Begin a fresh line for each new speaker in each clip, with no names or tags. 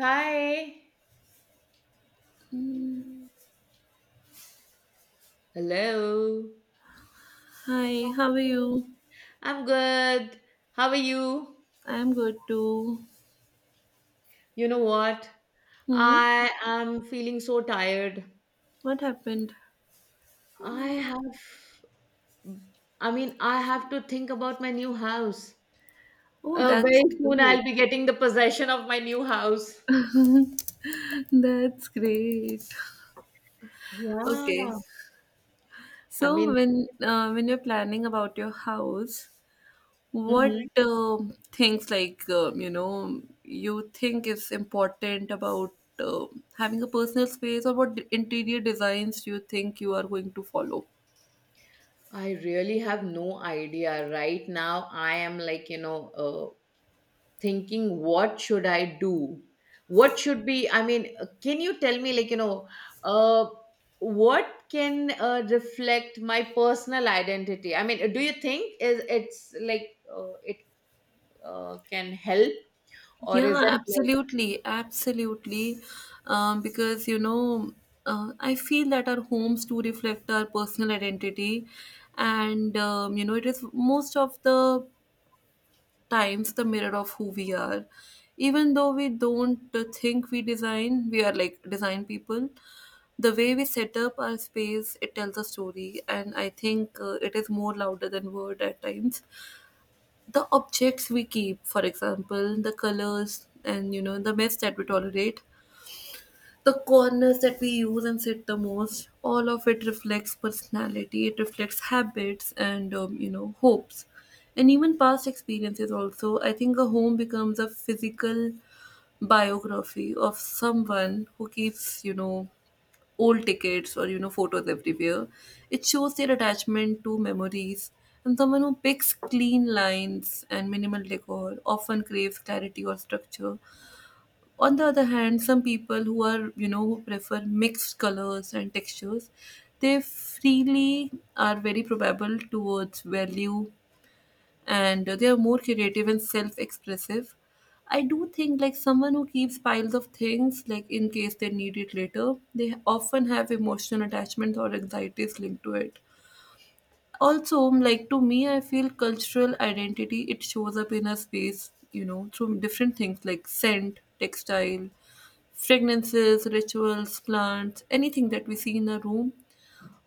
Hi. Hello.
Hi, how are you?
I'm good. How are you?
I'm good too.
You know what?
Hmm?
I am feeling so tired.
What happened?
I have, I mean, I have to think about my new house.
Oh, that's
Very soon
great.
I'll be getting the possession of my new house.
That's great. Okay.
Yeah.
So
I mean,
when you're planning about your house, what
mhm.
things like you think is important about having a personal space, or what interior designs do you think you are going to follow?
I really have no idea. Right now, I am like thinking what should I do, what should be, I mean, can you tell me like uh, what can reflect my personal identity, I mean, do you think is it's like it can help, or
Yeah,
is it like
absolutely, absolutely. Because you know, I feel that our homes do reflect our personal identity, and it is most of the times the mirror of who we are. Even though we don't think we design, we are like design people. The way we set up our space, it tells a story, and I think it is more louder than word at times. The objects we keep, for example, the colors, and the mess that we tolerate, the corners that we use and sit the most, all of it reflects personality. It reflects habits, and hopes and even past experiences also. I think a home becomes a physical biography of someone who keeps old tickets or photos everywhere. It shows their attachment to memories. And someone who picks clean lines and minimal decor often craves clarity or structure. On the other hand, some people who are, who prefer mixed colors and textures, they freely are very probable towards value, and they are more creative and self-expressive. I do think like someone who keeps piles of things like in case they need it later, they often have emotional attachments or anxieties linked to it. Also, like to me, I feel cultural identity it shows up in a space, you know, through different things like scent, textile, fragrances, rituals, plants, anything that we see in a room.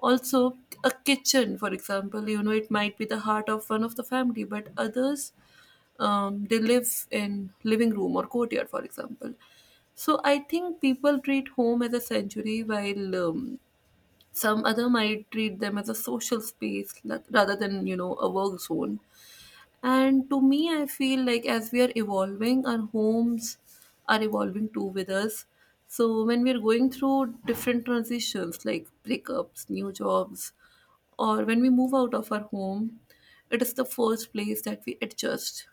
Also, a kitchen, for example, you know, it might be the heart of one of the family, but others they live in living room or courtyard, for example. So I think people treat home as a sanctuary, while some other might treat them as a social space rather than, a work zone. And to me, I feel like as we are evolving, our homes are evolving too with us. So when we're going through different transitions, like breakups, new jobs, or when we move out of our home, it is the first place that we adjust.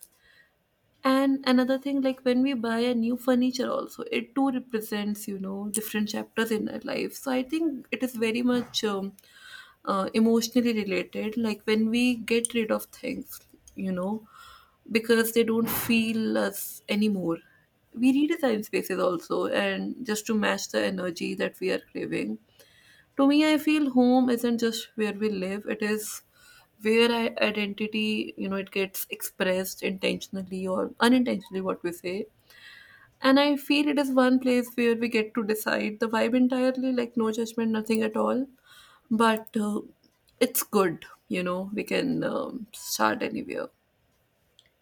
And another thing, like when we buy a new furniture, also, it too represents, you know, different chapters in our life. So I think it is very much emotionally related. Like when we get rid of things, you know, because they don't feel us anymore. We redesign spaces also, and just to match the energy that we are craving. To me, I feel home isn't just where we live, it is where I, identity, you know, it gets expressed intentionally or unintentionally, what we say. And I feel it is one place where we get to decide the vibe entirely, like no judgment, nothing at all. But it's good, you know, we can start anywhere.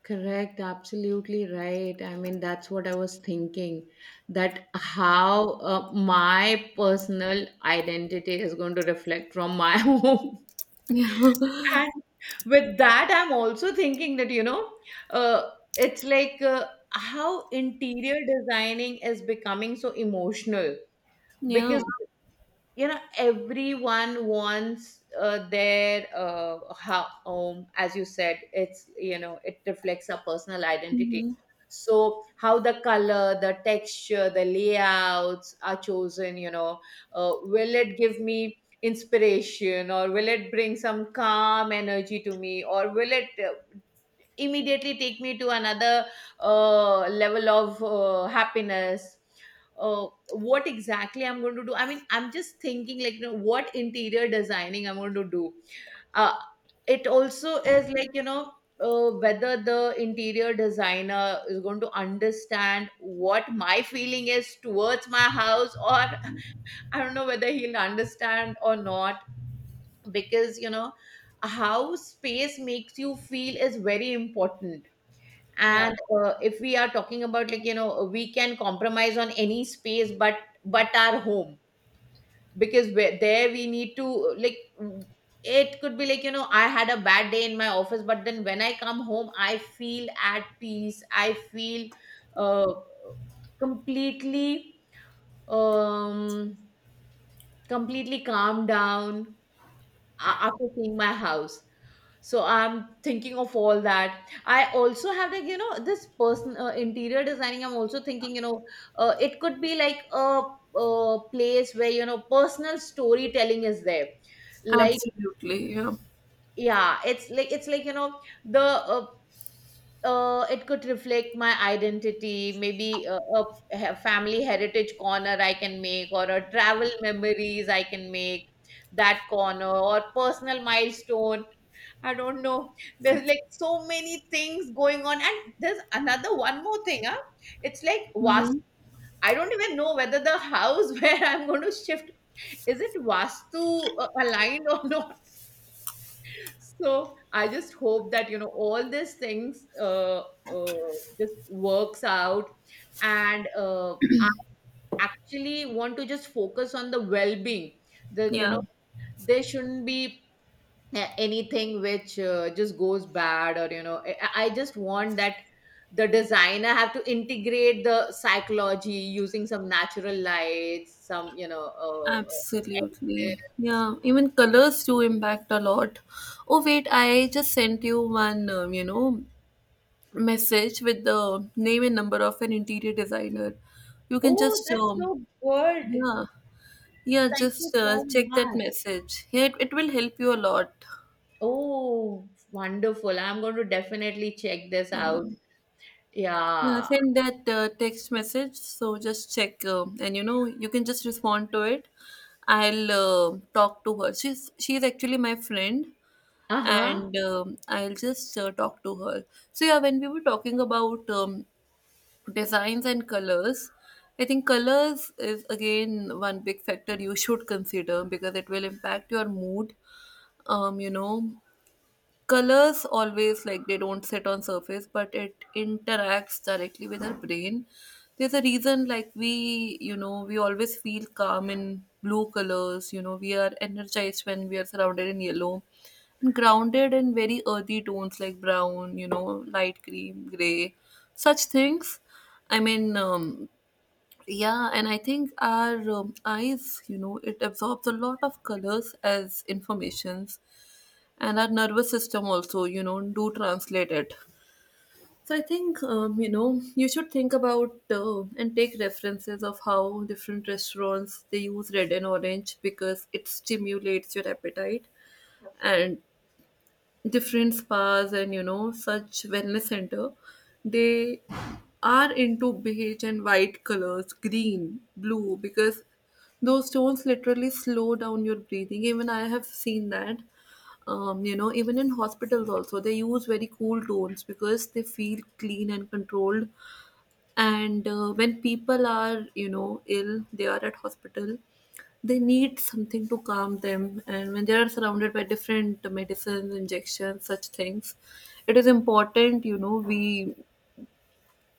correct, absolutely right, I mean, that's what I was thinking, that how my personal identity is going to reflect from my home.
Yeah.
And with that, I'm also thinking that, you know, uh, it's like how interior designing is becoming so emotional
Yeah.
because you know everyone wants their how as you said, it's, you know, it reflects our personal identity.
Hmm.
So how the color, the texture, the layouts are chosen, you know, will it give me inspiration, or will it bring some calm energy to me, or will it immediately take me to another level of happiness? What exactly I'm going to do? I mean, I'm just thinking, like, you know, what interior designing I'm going to do. uh, it also is like, you know, whether the interior designer is going to understand what my feeling is towards my house or I don't know whether he'll understand or not, because, you know, how space makes you feel is very important.
Yeah.
And if we are talking about, like, you know, we can compromise on any space, but our home, because where, there we need to, like, it could be like, you know, I had a bad day in my office, but then when I come home, I feel at peace. I feel uh, completely um completely calmed down after seeing my house. So I'm thinking of all that. I also have, like, you know, this person interior designing. I'm also thinking, you know, it could be like a place where, you know, personal storytelling is there. Like
Absolutely. Yeah.
yeah, it's like you know, the it could reflect my identity. Maybe a family heritage corner I can make, or a travel memories I can make, that corner, or personal milestone. I don't know. There's, like, so many things going on. And there's another one more thing, huh? It's like Vastu.
Hmm.
I don't even know whether the house where I'm going to shift, is it Vastu aligned or not. So I just hope that, you know, all these things uh, just works out. And I actually want to just focus on the well being, that, you know,
Yeah.
there shouldn't be anything which just goes bad, or you know, I just want that the designer have to integrate the psychology using some natural lights, some, you know,
Absolutely.
and-
Yeah, even colors do impact a lot. Oh, wait, I just sent you one, message with the name and number of an interior designer. You can
oh,
just,
that's so good.
yeah, yeah,
Thank you
just
so
check that
much.
message. Yeah, it will help you a lot.
Oh, wonderful, I'm going to definitely check this
Yeah.
out.
Yeah,
Yeah.
send that text message. So just check, and you know, you can just respond to it. I'll talk to her. She's actually my friend,
Uh-huh.
and I'll just talk to her. So yeah, when we were talking about designs and colors, I think colors is again one big factor you should consider because it will impact your mood. Um, you know, colors always like they don't sit on surface, but it interacts directly with our brain. There's a reason, like, we, you know, we always feel calm in blue colors. You know, we are energized when we are surrounded in yellow, and grounded in very earthy tones like brown, you know, light cream, gray, such things. I mean, yeah, and I think our eyes, you know, it absorbs a lot of colors as informations, and our nervous system also, you know, do translate it. So I think, you know, you should think about and take references of how different restaurants they use red and orange because it stimulates your appetite. And different spas, and you know, such wellness center, they are into beige and white colors, green, blue, because those tones literally slow down your breathing. Even I have seen that, you know, even in hospitals also they use very cool tones because they feel clean and controlled. And when people are, you know, ill, they are at hospital, they need something to calm them. And when they are surrounded by different medicines, injections, such things, it is important, you know, we,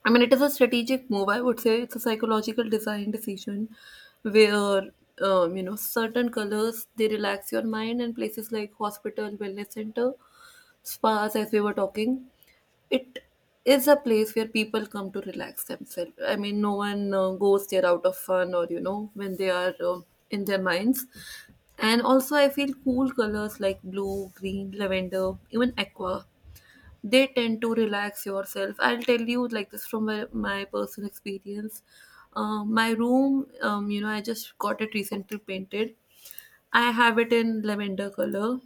I mean, it is a strategic move. I would say it's a psychological design decision where, you know, certain colors they relax your mind, and places like hospital, wellness center, spas, as we were talking, it is a place where people come to relax themselves. I mean, no one goes there out of fun or you know when they are in their minds. And also, I feel cool colors like blue, green, lavender, even aqua, they tend to relax yourself. I'll tell you like this from my personal experience. My room, you know, I just got it recently painted. I have it in lavender color,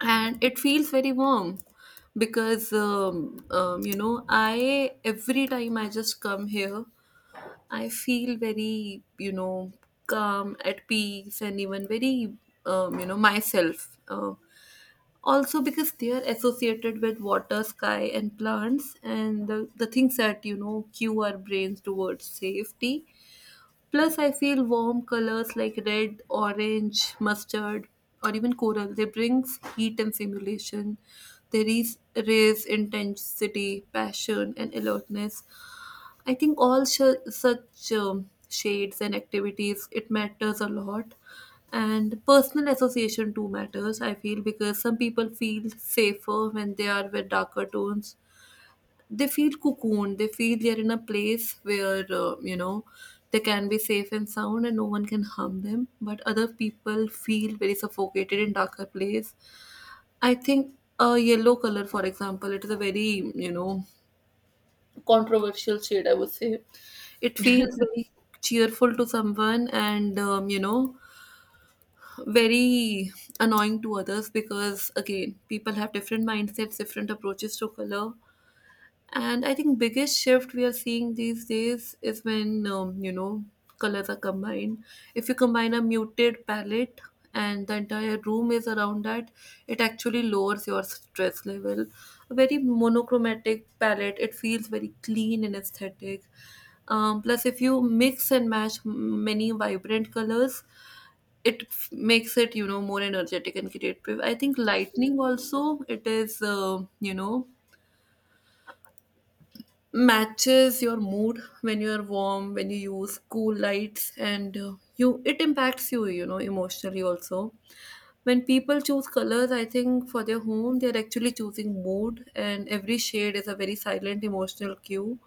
and it feels very warm because you know, I, every time I just come here, I feel very, you know, calm, at peace, and even very you know, myself. Also because they are associated with water, sky, and plants, and the things that, you know, cue our brains towards safety. Plus I feel warm colors like red, orange, mustard, or even coral, they brings heat and stimulation. They raise intensity, passion, and alertness. I think all such shades and activities it matters a lot, and personal association too matters. I feel, because some people feel safer when they are with darker tones. They feel cocooned. They feel they're in a place where, you know, they can be safe and sound, and no one can harm them. But other people feel very suffocated in darker place. I think a yellow color, for example, it is a very, you know, controversial shade, I would say. It feels very cheerful to someone, and, you know, very annoying to others, because, again, people have different mindsets, different approaches to color. And I think biggest shift we are seeing these days is when, you know, colors are combined. If you combine a muted palette and the entire room is around that, it actually lowers your stress level. A very monochromatic palette, it feels very clean and aesthetic. Plus, if you mix and match many vibrant colors, it makes it, you know, more energetic and creative. I think lightning also, it is you know, matches your mood when you're warm, when you use cool lights, and you, it impacts you, you know, emotionally also. When people choose colors, I think, for their home, they're actually choosing mood, and every shade is a very silent emotional cue.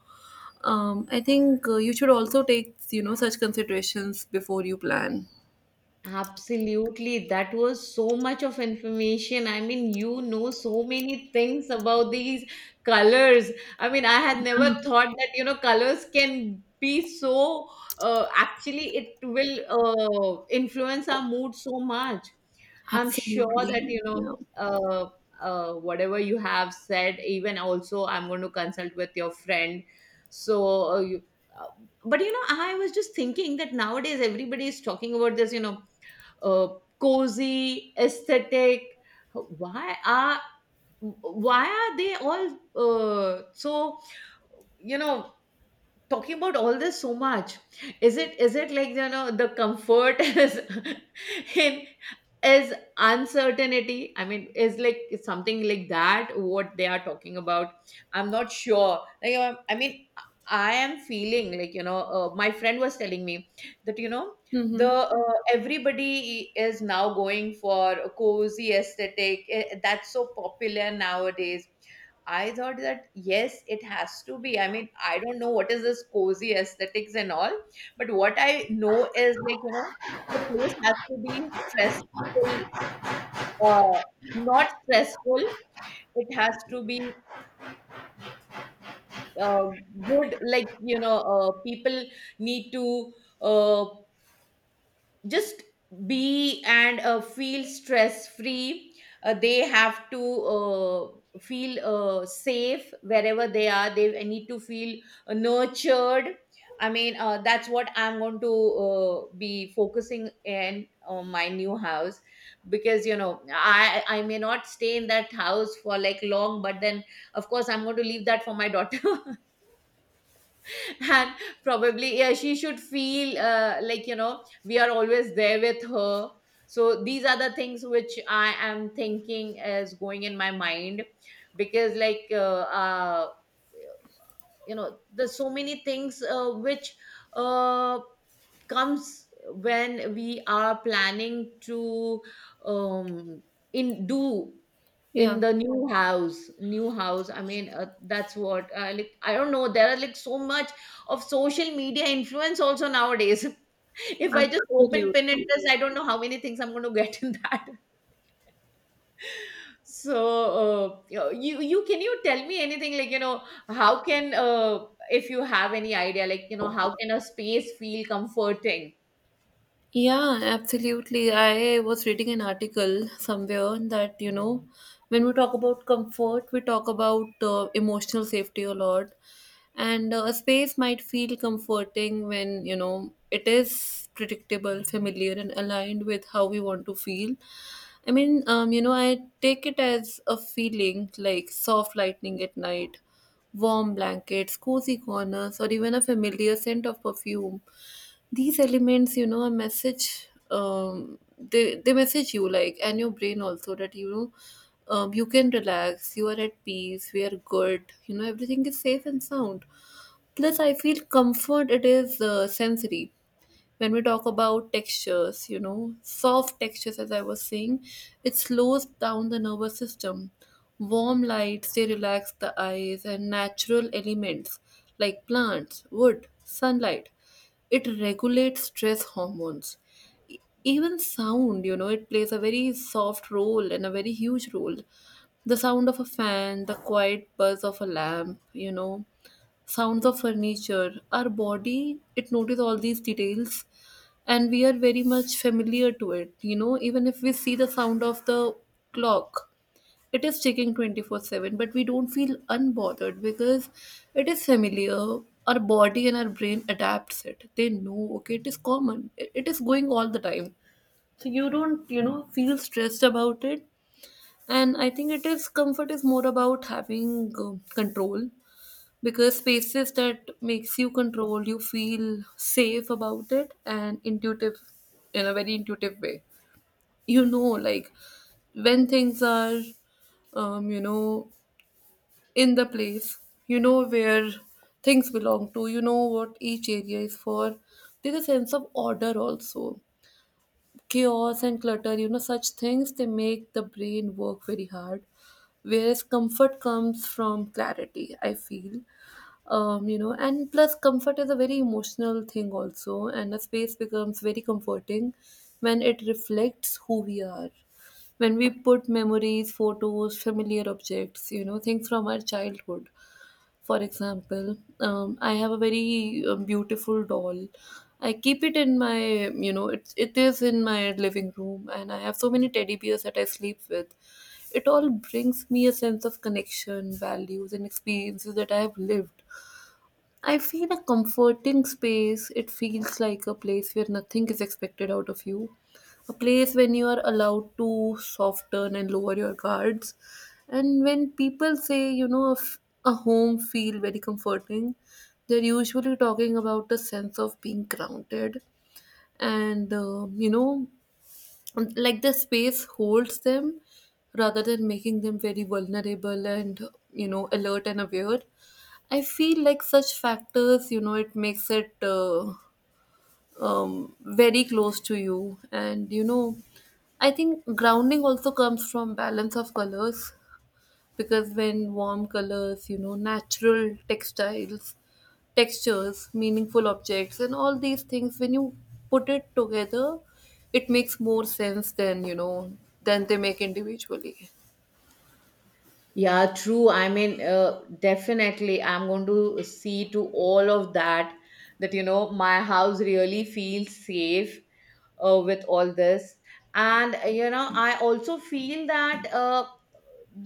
I think you should also take, you know, such considerations before you plan.
Absolutely. That was so much of information. I mean, you know, so many things about these colors. I mean, I had never thought that, you know, colors can be so, actually, it will influence our mood so much. I'm sure that,
Absolutely,
you know,
yeah.
uh, whatever you have said, even also, I'm going to consult with your friend. So, uh, but you know, I was just thinking that nowadays everybody is talking about this, you know, uh, cozy, aesthetic. Why are why are they all so, you know, talking about all this so much? Is it like, you know, the comfort is in is uncertainty, I mean, is like it's something like that what they are talking about. I'm not sure, like, I mean, I am feeling like, you know, my friend was telling me that, you know, the
Mm-hmm.
everybody is now going for a cozy aesthetic, eh, that's so popular nowadays. I thought that yes, it has to be. I mean, I don't know what is this cozy aesthetics and all, but what I know is, like, you know, the place has to be stressful, uh, not stressful. It has to be uh, good, like, you know, people need to uh, just be and feel stress free. They have to feel safe wherever they are. They need to feel nurtured. I mean, that's what I'm going to be focusing in my new house, because, you know, I may not stay in that house for, like, long, but then, of course, I'm going to leave that for my daughter. And probably yeah, she should feel, like, you know, we are always there with her. So these are the things which I am thinking is going in my mind, because, like, you know, there's so many things which uh, comes when we are planning to, um, in do in
Yeah,
the new house, I mean, that's what, like, I don't know, there are, like, so much of social media influence also nowadays. If I just open
absolutely.
Pinterest, I don't know how many things I'm going to get in that. So, you can, you tell me anything, like, you know, how can, if you have any idea, like, you know, how can a space feel comforting?
Yeah, absolutely. I was reading an article somewhere that, you know, when we talk about comfort, we talk about emotional safety a lot. And a space might feel comforting when, you know, it is predictable, familiar, and aligned with how we want to feel. I mean, you know, I take it as a feeling like soft lightning at night, warm blankets, cozy corners, or even a familiar scent of perfume. These elements, you know, a message, they message you like, and your brain also, that you know, you can relax, you are at peace, we are good, you know, everything is safe and sound. Plus, I feel comfort, it is sensory. When we talk about textures, you know, soft textures, as I was saying, it slows down the nervous system. Warm lights, they relax the eyes, and natural elements like plants, wood, sunlight, it regulates stress hormones. E- Even sound, you know, it plays a very soft role and a very huge role. The sound of a fan, the quiet buzz of a lamp, you know, sounds of furniture, our body, it notice all these details, and we are very much familiar to it. You know, even if we see the sound of the clock, it is ticking 24/7, but we don't feel unbothered because it is familiar. Our body and our brain adapts it. They know, okay, it is common, it is going all the time, so you don't, you know, feel stressed about it. And I think it is, comfort is more about having uh, control, because spaces that makes you control, you feel safe about it, and intuitive, in a very intuitive way. You know, like when things are you know, in the place, you know, where things belong, to, you know, what each area is for. There's a sense of order also. Chaos and clutter, you know, such things, they make the brain work very hard, whereas comfort comes from clarity, I feel. You know, and plus comfort is a very emotional thing also, and a space becomes very comforting when it reflects who we are. When we put memories, photos, familiar objects, you know, things from our childhood. For example, I have a very beautiful doll. I keep it in my, you know, it is in my living room, and I have so many teddy bears that I sleep with. It all brings me a sense of connection, values, and experiences that I have lived. I feel a comforting space, it feels like a place where nothing is expected out of you. A place when you are allowed to soften and lower your guards. And when people say, you know, if a home feel very comforting, they're usually talking about the sense of being grounded, and, you know, and, like the space holds them rather than making them very vulnerable and, you know, alert and aware. I feel like such factors, you know, it makes it very close to you. And you know, I think grounding also comes from balance of colors, because when warm colors, you know, natural textiles, textures, meaningful objects, and all these things, when you put it together, it makes more sense than, you know, than they make individually.
Yeah, true. I mean, definitely, I'm going to see to all of that, that you know, my house really feels safe with all this. And you know, I also feel that, uh,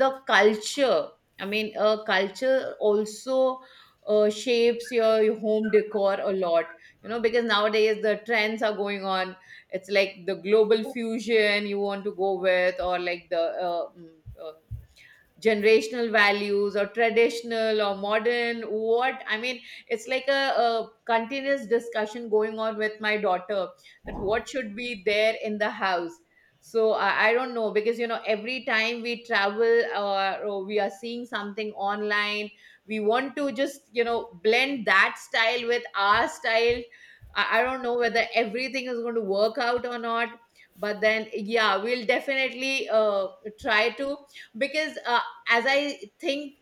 the culture i mean uh, culture also shapes your home decor a lot, you know, because nowadays the trends are going on. It's like the global fusion you want to go with, or like the uh, generational values, or traditional or modern, what I mean, it's like a continuous discussion going on with my daughter, that what should be there in the house. So I don't know, because, you know, every time we travel, or we are seeing something online, we want to just, you know, blend that style with our style. I don't know whether everything is going to work out or not, but then yeah, we'll definitely try to, because as I think,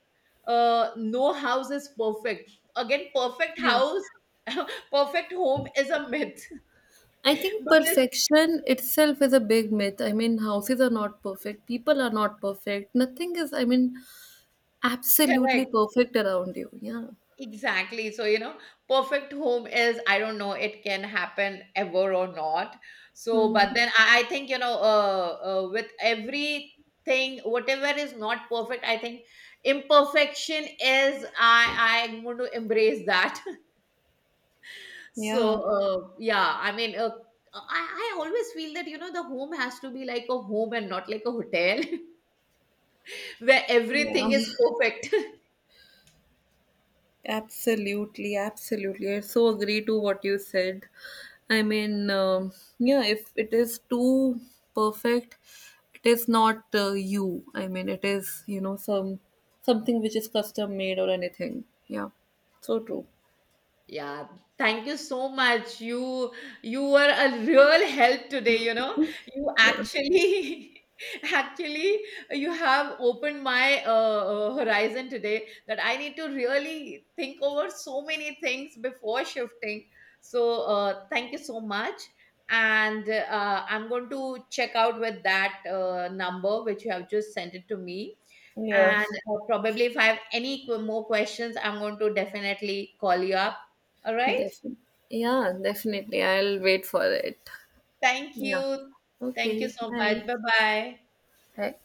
no house is perfect. Again, perfect
Yeah.
house, perfect home is a myth.
I think
Because
perfection itself is a big myth. I mean, houses are not perfect. People are not perfect. Nothing is, I mean, absolutely
correct,
perfect around you. Yeah.
exactly. So you know, perfect home is, I don't know, it can happen ever or not. So,
Mm-hmm.
but then I think, you know, with everything, whatever is not perfect, I think imperfection is, I'm going to embrace that. So
Yeah.
yeah, I mean, I always feel that, you know, the home has to be like a home and not like a hotel where
Yeah.
everything is perfect.
Absolutely, absolutely. I so agree to what you said. I mean, yeah, if it is too perfect, it is not you. I mean, it is, you know, some something which is custom made or anything. Yeah, so true.
Yeah, thank you so much. You were a real help today, you know. You
Yeah,
actually actually you have opened my horizon today, that I need to really think over so many things before shifting. So, thank you so much. And I'm going to check out with that number which you have just sent it to me.
yeah,
And probably if I have any more questions, I'm going to definitely call you up, all right. Yeah.
yeah. Definitely, I'll wait for it.
Thank
Yeah.
you. Thank you
Okay,
so
bye.
much. Bye bye.
Bye.